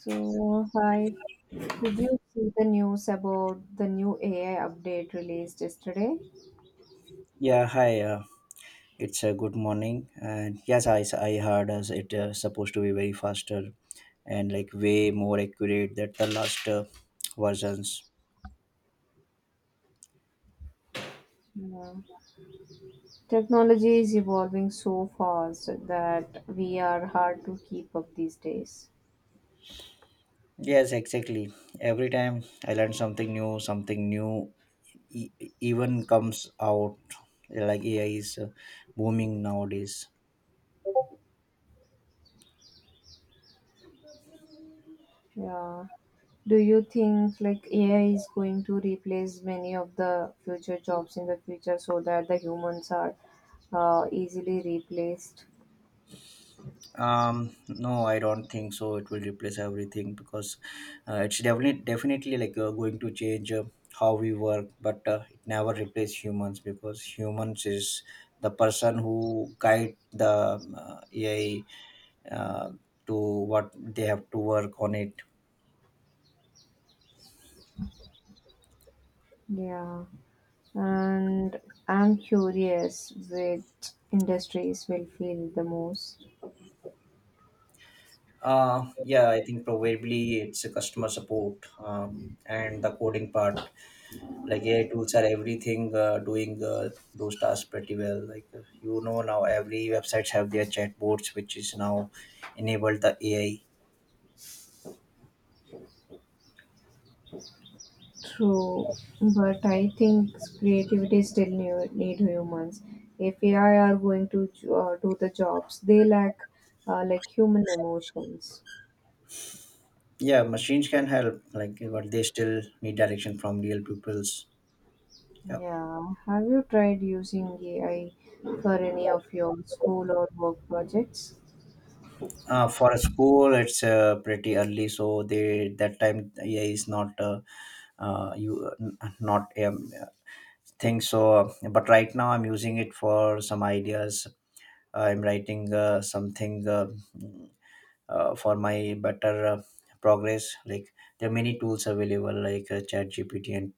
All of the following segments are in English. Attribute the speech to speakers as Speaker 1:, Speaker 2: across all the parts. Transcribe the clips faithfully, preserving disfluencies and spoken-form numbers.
Speaker 1: So, hi. Did you see the news about the new A I update released yesterday?
Speaker 2: Yeah, hi. Uh, it's a good morning, and yes, I I heard as it uh, supposed to be very faster and like way more accurate than the last uh, versions.
Speaker 1: Yeah. Technology is evolving so fast that we are hard to keep up these days.
Speaker 2: Yes, exactly. Every time I learn something new, something new e- even comes out. Like A I is uh, booming nowadays.
Speaker 1: Yeah. Do you think like A I is going to replace many of the future jobs in the future so that the humans are uh, easily replaced?
Speaker 2: Um no, I don't think so, it will replace everything, because uh, it's definitely definitely like uh, going to change uh, how we work, but uh, it never replace humans, because humans is the person who guide the um, uh, AI uh, to what they have to work on it.
Speaker 1: Yeah, and I'm curious which industries will feel the most.
Speaker 2: Uh yeah, I think probably it's a customer support uh, and the coding part. Like A I tools are everything uh, doing uh, those tasks pretty well. Like uh, you know now, every websites have their chatbots, which is now enabled the A I.
Speaker 1: True, but I think creativity still need, need humans. If A I are going to uh, do the jobs, they lack uh, like human emotions.
Speaker 2: Yeah, machines can help, like, but they still need direction from real pupils. Yeah.
Speaker 1: Yeah, have you tried using A I for any of your school or work projects?
Speaker 2: Uh, for a school, it's uh, pretty early, so they that time A I is not uh, uh, you not um, thing. So, but right now I'm using it for some ideas. I'm writing uh, something. Uh, uh, for my better uh, progress, like there are many tools available, like uh, chat gpt, and,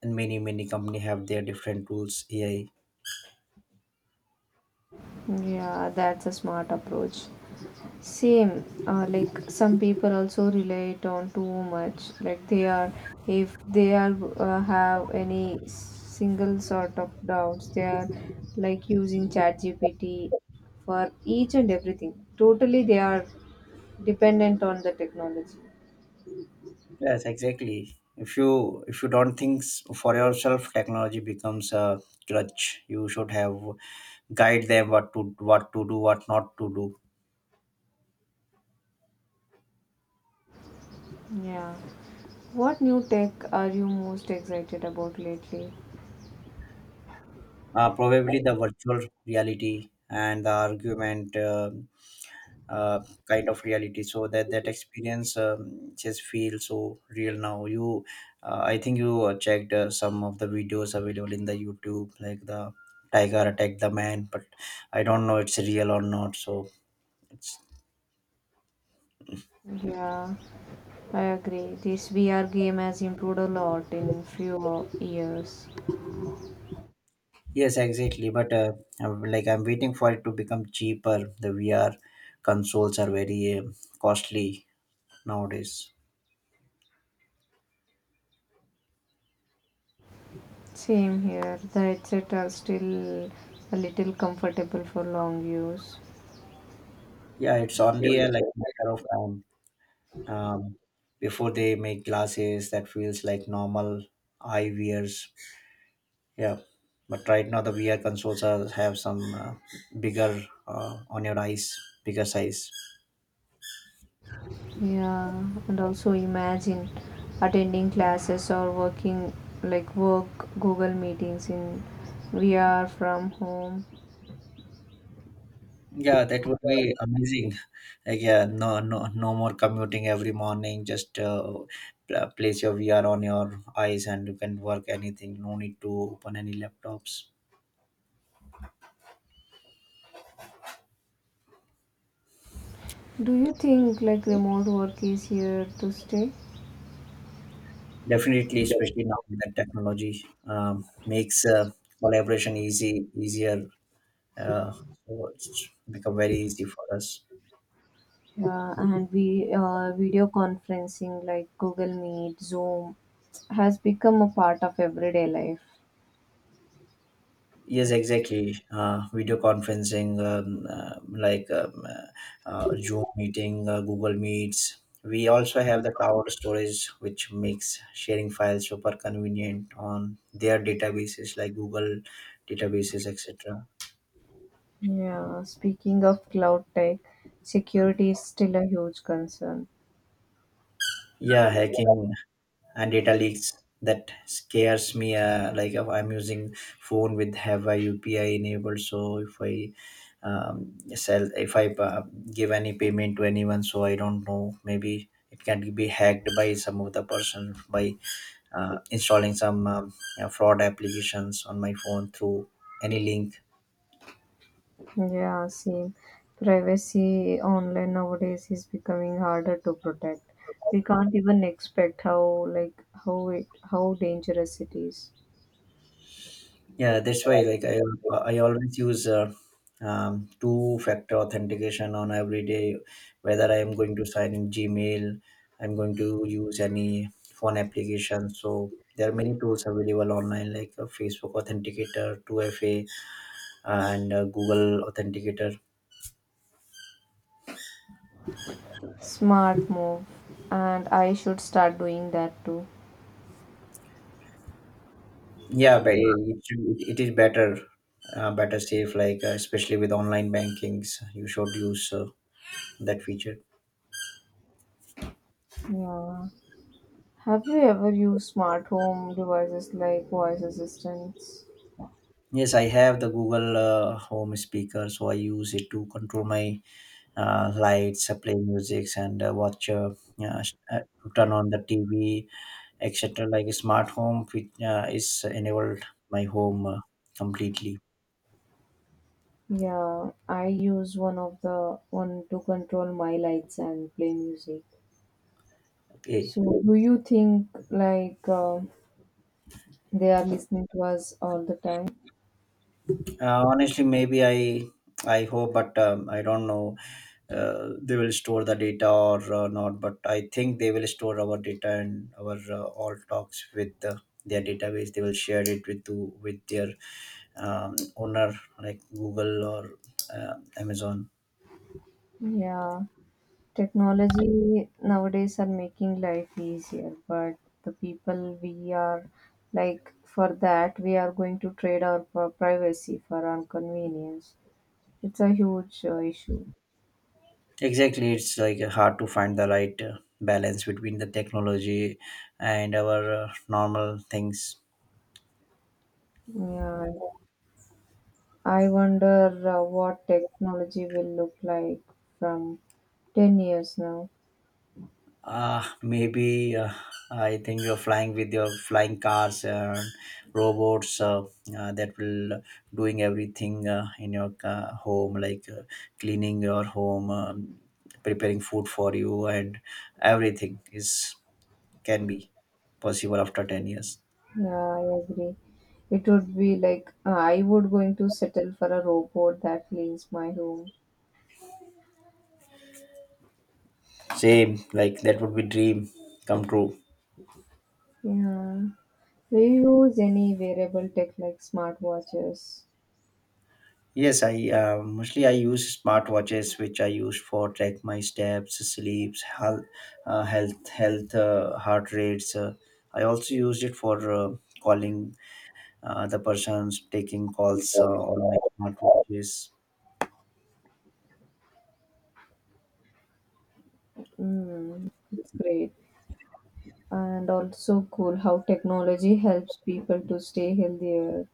Speaker 2: and many many company have their different tools AI.
Speaker 1: Yeah, that's a smart approach. Same, uh, like some people also relate on too much. Like they are, if they are uh, have any single sort of doubts, they are like using ChatGPT for each and everything. Totally, they are dependent on the technology.
Speaker 2: Yes, exactly, if you if you don't think s- for yourself, technology becomes a crutch. You should have guide them what to what to do, what not to do.
Speaker 1: Yeah. What new tech are you most excited about lately?
Speaker 2: Uh, probably the virtual reality and the argument uh, uh, kind of reality, so that that experience um, just feels so real now. You uh, I think you uh, checked uh, some of the videos available in the YouTube, like the tiger attacked the man, but I don't know it's real or not, so it's.
Speaker 1: Yeah, I agree. This V R game has improved a lot in few years.
Speaker 2: Yes, exactly, but uh, I'm, like i'm waiting for it to become cheaper. The VR consoles are very um costly nowadays.
Speaker 1: Same here. The headset are still a little comfortable for long use.
Speaker 2: Yeah, it's only a like matter of time um, before they make glasses that feels like normal eye eyewears. Yeah, but right now the V R consoles are, have some uh, bigger uh, on your eyes, bigger size.
Speaker 1: Yeah, and also imagine attending classes or working like work Google meetings in V R from home.
Speaker 2: Yeah, that would be amazing. Like, yeah, no, no, no more commuting every morning. Just uh, pla- place your V R on your eyes, and you can work anything. No need to open any laptops.
Speaker 1: Do you think like remote work is here to stay?
Speaker 2: Definitely, especially now that technology um, makes uh, collaboration easy, easier uh, so it's become very easy for us.
Speaker 1: Yeah, and we uh, video conferencing like Google Meet, Zoom has become a part of everyday life.
Speaker 2: Yes, exactly. Uh, video conferencing, um, uh, like um, uh, uh, Zoom meeting, uh, Google Meets. We also have the cloud storage, which makes sharing files super convenient on their databases, like Google databases, etc.
Speaker 1: Yeah, speaking of cloud tech, security is still a huge concern.
Speaker 2: Yeah, hacking and data leaks, that scares me. Uh, like, if I'm using phone with have a UPI enabled, so if I um, sell if I uh, give any payment to anyone, so I don't know, maybe it can be hacked by some of the person by uh, installing some um, uh, fraud applications on my phone through any link.
Speaker 1: Yeah, same. Privacy online nowadays is becoming harder to protect. We can't even expect how like how it how dangerous it is.
Speaker 2: Yeah, that's why, like, I I always use uh, um, two factor authentication on every day. Whether I am going to sign in Gmail, I'm going to use any phone application. So there are many tools available online, like uh, Facebook Authenticator, Two F A, and uh, Google Authenticator.
Speaker 1: Smart move, and I should start doing that too.
Speaker 2: Yeah, but it, it, it is better, uh, better safe. Like uh, especially with online bankings, you should use uh, that feature.
Speaker 1: Yeah. Have you ever used smart home devices like voice assistants?
Speaker 2: Yes, I have the Google uh, Home speaker, so I use it to control my uh, lights, uh, play music, and uh, watch, uh, uh, sh- uh, to turn on the T V, et cetera. Like a smart home, which uh, is enabled my home uh, completely.
Speaker 1: Yeah, I use one of the one to control my lights and play music.
Speaker 2: Okay.
Speaker 1: So, do you think like uh, they are listening to us all the time?
Speaker 2: Uh, honestly, maybe I I hope, but um, I don't know. Uh, they will store the data or uh, not, but I think they will store our data and our uh, all talks with uh, their database. They will share it with to, with their um, owner, like Google or uh, Amazon.
Speaker 1: Yeah, technology nowadays are making life easier, but the people we are like for that we are going to trade our pri- privacy for our convenience. It's a huge uh, issue.
Speaker 2: Exactly, it's like hard to find the right uh, balance between the technology and our uh, normal things.
Speaker 1: Yeah, I wonder uh, what technology will look like from ten years now.
Speaker 2: Uh, maybe uh, I think you're flying with your flying cars and robots uh, uh, that will uh, doing everything uh, in your uh, home, like uh, cleaning your home, um, preparing food for you, and everything is can be possible after ten years.
Speaker 1: Yeah, I agree. It would be like uh, I would going to settle for a robot that cleans my room.
Speaker 2: Same, like that would be dream come true.
Speaker 1: Yeah. Do you use any wearable tech like smartwatches?
Speaker 2: Yes, I uh, mostly I use smartwatches, which I use for track my steps, sleeps, health, uh, health, health, uh, heart rates. Uh, I also used it for uh, calling uh, the persons, taking calls uh, on my smartwatches.
Speaker 1: Mm, it's great. And also cool how technology helps people to stay healthier,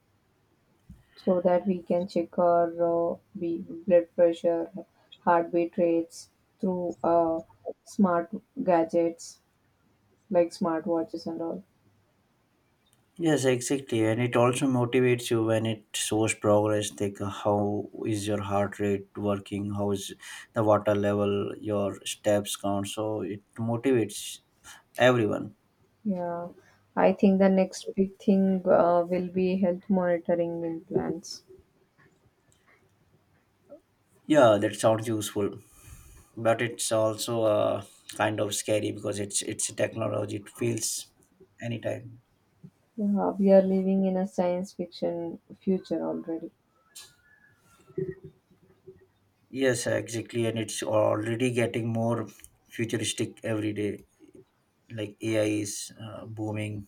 Speaker 1: so that we can check our uh, B- blood pressure, heartbeat rates through uh, smart gadgets like smartwatches and all.
Speaker 2: Yes, exactly, and it also motivates you when it shows progress. Like, uh, how is your heart rate working? How is the water level? Your steps count. So it motivates everyone.
Speaker 1: Yeah, I think the next big thing uh, will be health monitoring implants.
Speaker 2: Yeah, that sounds useful, but it's also uh, kind of scary, because it's it's a technology, it feels anytime.
Speaker 1: Yeah, we are living in a science fiction future already.
Speaker 2: Yes, exactly, and it's already getting more futuristic every day. Like AI is uh, booming,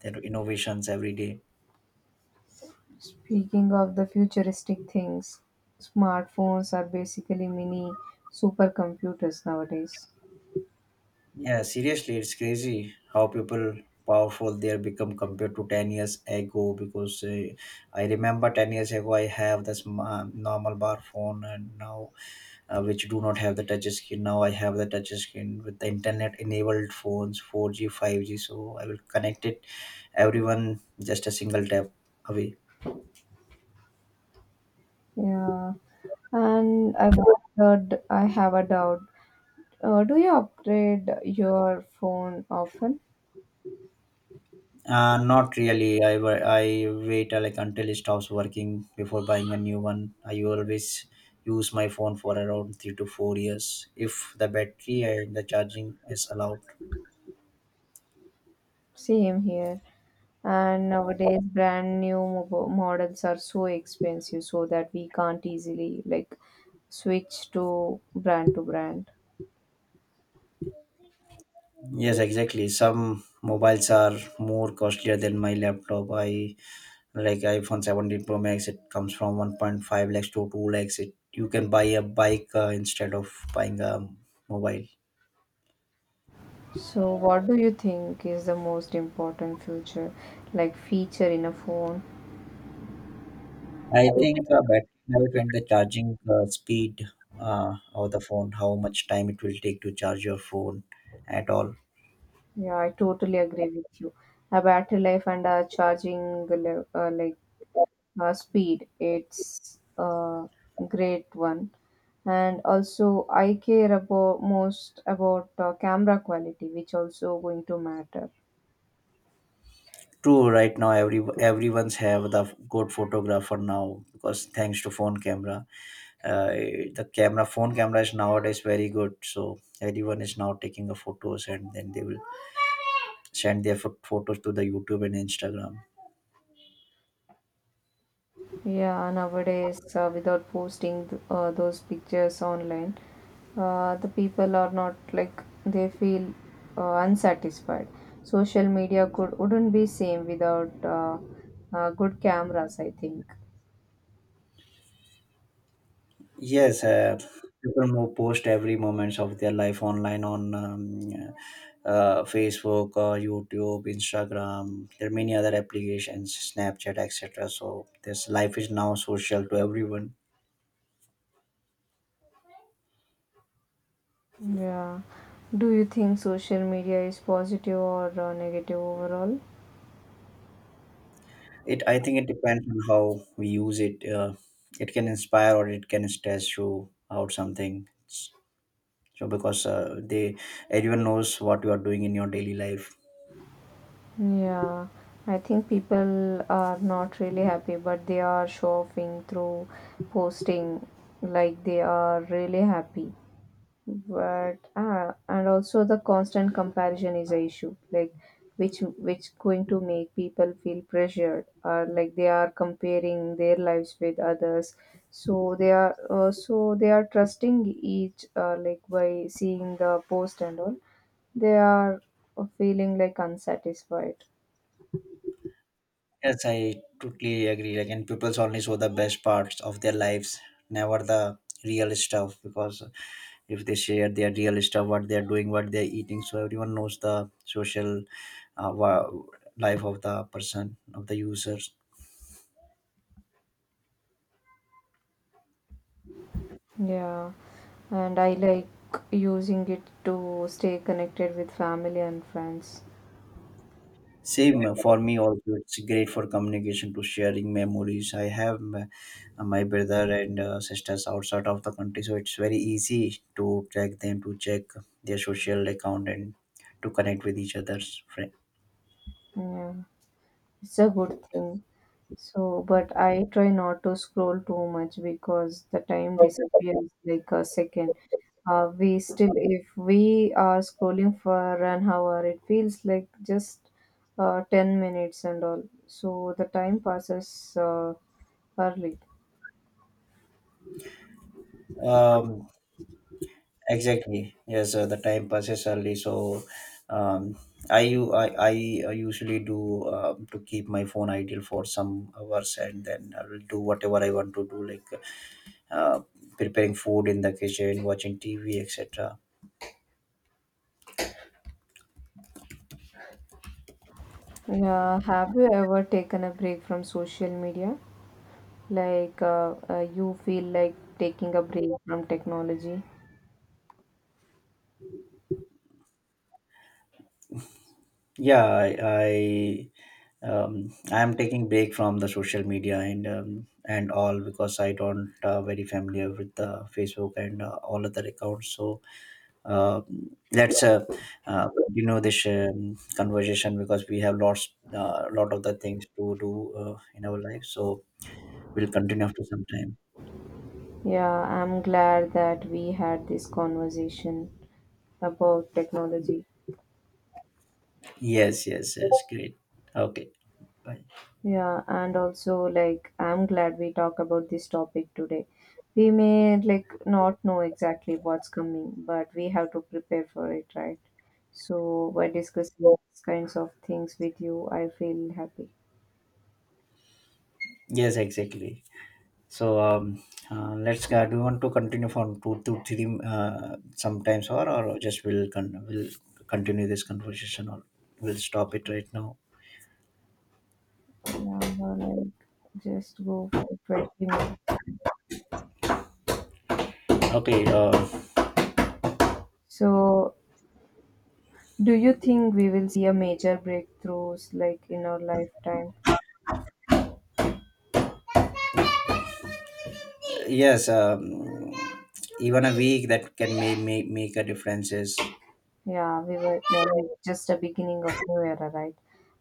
Speaker 2: there are innovations every day.
Speaker 1: Speaking of the futuristic things, smartphones are basically mini supercomputers nowadays.
Speaker 2: Yeah, seriously, it's crazy how people powerful they are become compared to ten years ago. Because uh, I remember ten years ago I have this ma- normal bar phone, and now uh, which do not have the touch screen. Now I have the touch screen with the internet enabled phones, four G, five G. So I will connect it everyone just a single tap away.
Speaker 1: Yeah, and I wondered, I have a doubt. Uh, do you upgrade your phone often?
Speaker 2: Uh, not really. I, wa- I wait uh, like until it stops working before buying a new one. I always use my phone for around three to four years if the battery and the charging is allowed.
Speaker 1: Same here. And nowadays, brand new mob- models are so expensive, so that we can't easily like switch to brand to brand.
Speaker 2: Yes, exactly. Some mobiles are more costlier than my laptop. I like iPhone seventeen Pro Max, it comes from one point five lakhs to two lakhs. It, you can buy a bike uh, instead of buying a mobile.
Speaker 1: So, what do you think is the most important future, like feature in a phone?
Speaker 2: I think uh, battery life and the charging uh, speed uh, of the phone, how much time it will take to charge your phone at all.
Speaker 1: Yeah, I totally agree with you. A battery life and a charging, le- uh, like uh, speed, it's a great one, and also I care about most about uh, camera quality, which also going to matter.
Speaker 2: True, right now every everyone's have the good photographer now, because thanks to phone camera. uh, the camera phone camera is nowadays very good, so everyone is now taking the photos, and then they will send their pho- photos to the YouTube and Instagram.
Speaker 1: Yeah, nowadays uh, without posting th- uh, those pictures online, uh, the people are not, like they feel uh, unsatisfied. Social media could wouldn't be same without uh, uh, good cameras, I think. Yeah.
Speaker 2: Yes, uh, people more post every moments of their life online on um, uh, Facebook, uh, YouTube, Instagram. There are many other applications, Snapchat, et cetera. So this life is now social to everyone.
Speaker 1: Yeah. Do you think social media is positive or uh, negative overall?
Speaker 2: It I think it depends on how we use it. Uh, it can inspire or it can stress you out something. So because uh, they everyone knows what you are doing in your daily life.
Speaker 1: Yeah. I think people are not really happy, but they are showing through posting like they are really happy. But ah, and also the constant comparison is a issue, like which which going to make people feel pressured or like they are comparing their lives with others, so they are uh, so they are trusting each uh, like by seeing the post and all, they are feeling like unsatisfied.
Speaker 2: Yes, I totally agree. Like, and people only show the best parts of their lives, never the real stuff. Because if they share their real stuff, what they're doing, what they're eating, so everyone knows the social uh, wa- life of the person, of the users.
Speaker 1: Yeah, and I like using it to stay connected with family and friends.
Speaker 2: Same for me also. It's great for communication to sharing memories. I have my, my brother and uh, sisters outside of the country, so it's very easy to track them, to check their social account, and to connect with each other's friend.
Speaker 1: Yeah, it's a good thing. So, but I try not to scroll too much because the time disappears like a second. Uh, we still, if we are scrolling for an hour, it feels like just uh, ten minutes and all. So the time passes uh, early.
Speaker 2: Um, exactly. Yes, uh, the time passes early. So, um, I u- I I usually do. Uh, to keep my phone idle for some hours, and then I will do whatever I want to do, like uh, preparing food in the kitchen, watching T V, et cetera.
Speaker 1: Yeah, have you ever taken a break from social media? Like uh, uh, you feel like taking a break from technology?
Speaker 2: Yeah, I. I um, I am taking break from the social media, and um, and all, because I don't uh, very familiar with the Facebook and uh, all other accounts. So uh, let's uh, uh, continue this um, conversation, because we have lots uh, lot of the things to do uh, in our life, so we'll continue after some time.
Speaker 1: Yeah, I'm glad that we had this conversation about technology.
Speaker 2: Yes, yes, yes. Great. Okay. Bye.
Speaker 1: Yeah, and also like I'm glad we talk about this topic today. We may like not know exactly what's coming, but we have to prepare for it, right? So by discussing these kinds of things with you, I feel happy.
Speaker 2: Yes, exactly. So um, uh, let's uh, do you want to continue from two to three uh, sometimes, or or just we'll con- we'll continue this conversation, or we'll stop it right now?
Speaker 1: Yeah, like just go for twenty minutes.
Speaker 2: Okay, uh,
Speaker 1: So, do you think we will see a major breakthroughs like in our lifetime?
Speaker 2: yes, um, even a week that can make make, make a differences. Is
Speaker 1: Yeah, we were uh, we- just a beginning of new era, right?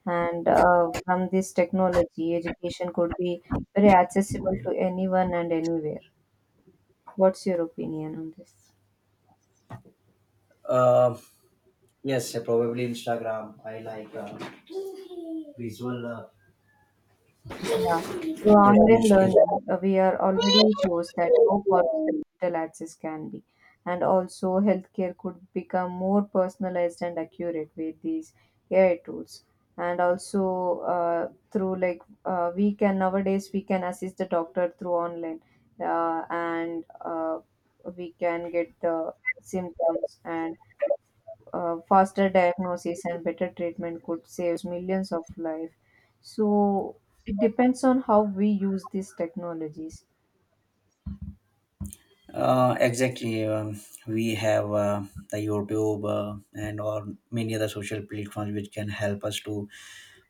Speaker 1: And uh, from this technology, education could be very accessible to anyone and anywhere. What's your opinion on this?
Speaker 2: uh, yes, probably Instagram. I like uh, visual uh,
Speaker 1: Yeah. Through
Speaker 2: yes,
Speaker 1: online
Speaker 2: yes,
Speaker 1: learning,
Speaker 2: yes.
Speaker 1: uh, we are already shows that how powerful digital access can be. And also, healthcare could become more personalized and accurate with these A I tools. And also, uh, through like uh, we can nowadays we can assist the doctor through online, uh, and uh, we can get the symptoms and uh, faster diagnosis and better treatment could save millions of lives. So it depends on how we use these technologies.
Speaker 2: Uh, exactly. Um, we have uh, the YouTube uh, and or many other social platforms, which can help us to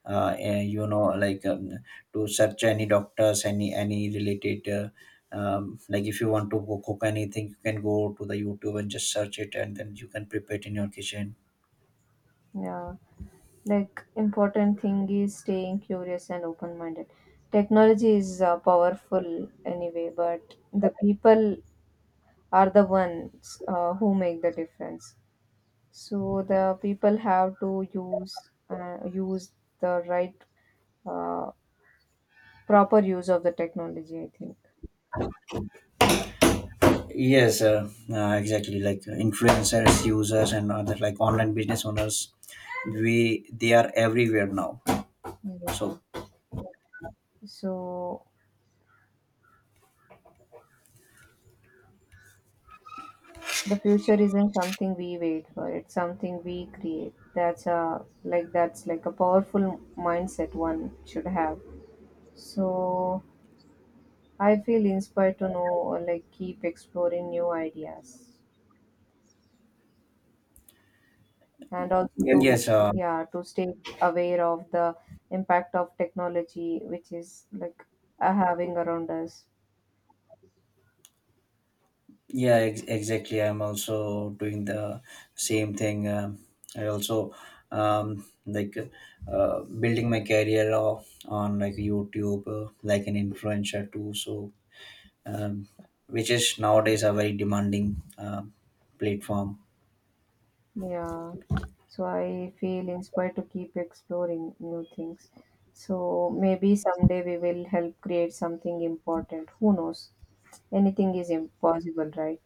Speaker 2: uh, eh, you know like um, to search any doctors, any any related uh, um, like if you want to cook anything, you can go to the YouTube and just search it, and then you can prepare it in your kitchen.
Speaker 1: Yeah, like important thing is staying curious and open minded. Technology is uh, powerful anyway, but the people are the ones uh, who make the difference. So the people have to use uh, use the right uh, proper use of the technology, I think.
Speaker 2: Yes, uh, uh, exactly. Like uh, influencers, users, and other, like, online business owners, we they are everywhere now.
Speaker 1: Yeah.
Speaker 2: So
Speaker 1: So, the future isn't something we wait for, it's something we create. That's a like that's like a powerful mindset one should have. So I feel inspired to know or like keep exploring new ideas, and also, yes, to
Speaker 2: yes, uh,
Speaker 1: yeah to stay aware of the impact of technology, which is like uh, having around us.
Speaker 2: yeah, ex- exactly. I'm also doing the same thing. Uh, I also um, like uh, building my career o- on, like, YouTube, uh, like an influencer too. So um, which is nowadays a very demanding uh, platform.
Speaker 1: Yeah, so I feel inspired to keep exploring new things. So maybe someday we will help create something important. Who knows? Anything is impossible, right?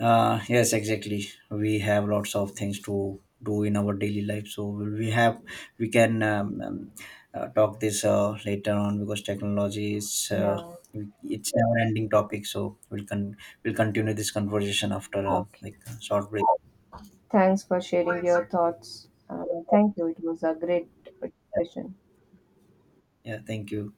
Speaker 2: Uh, yes, exactly. We have lots of things to do in our daily life, so we have we can um, um, uh, talk this uh, later on, because technology is uh,
Speaker 1: Yeah,
Speaker 2: it's never-ending topic. So we'll con- we'll continue this conversation after a
Speaker 1: okay.
Speaker 2: like short break.
Speaker 1: Thanks for sharing your thoughts. Uh, thank you. It was a great discussion.
Speaker 2: Yeah, thank you.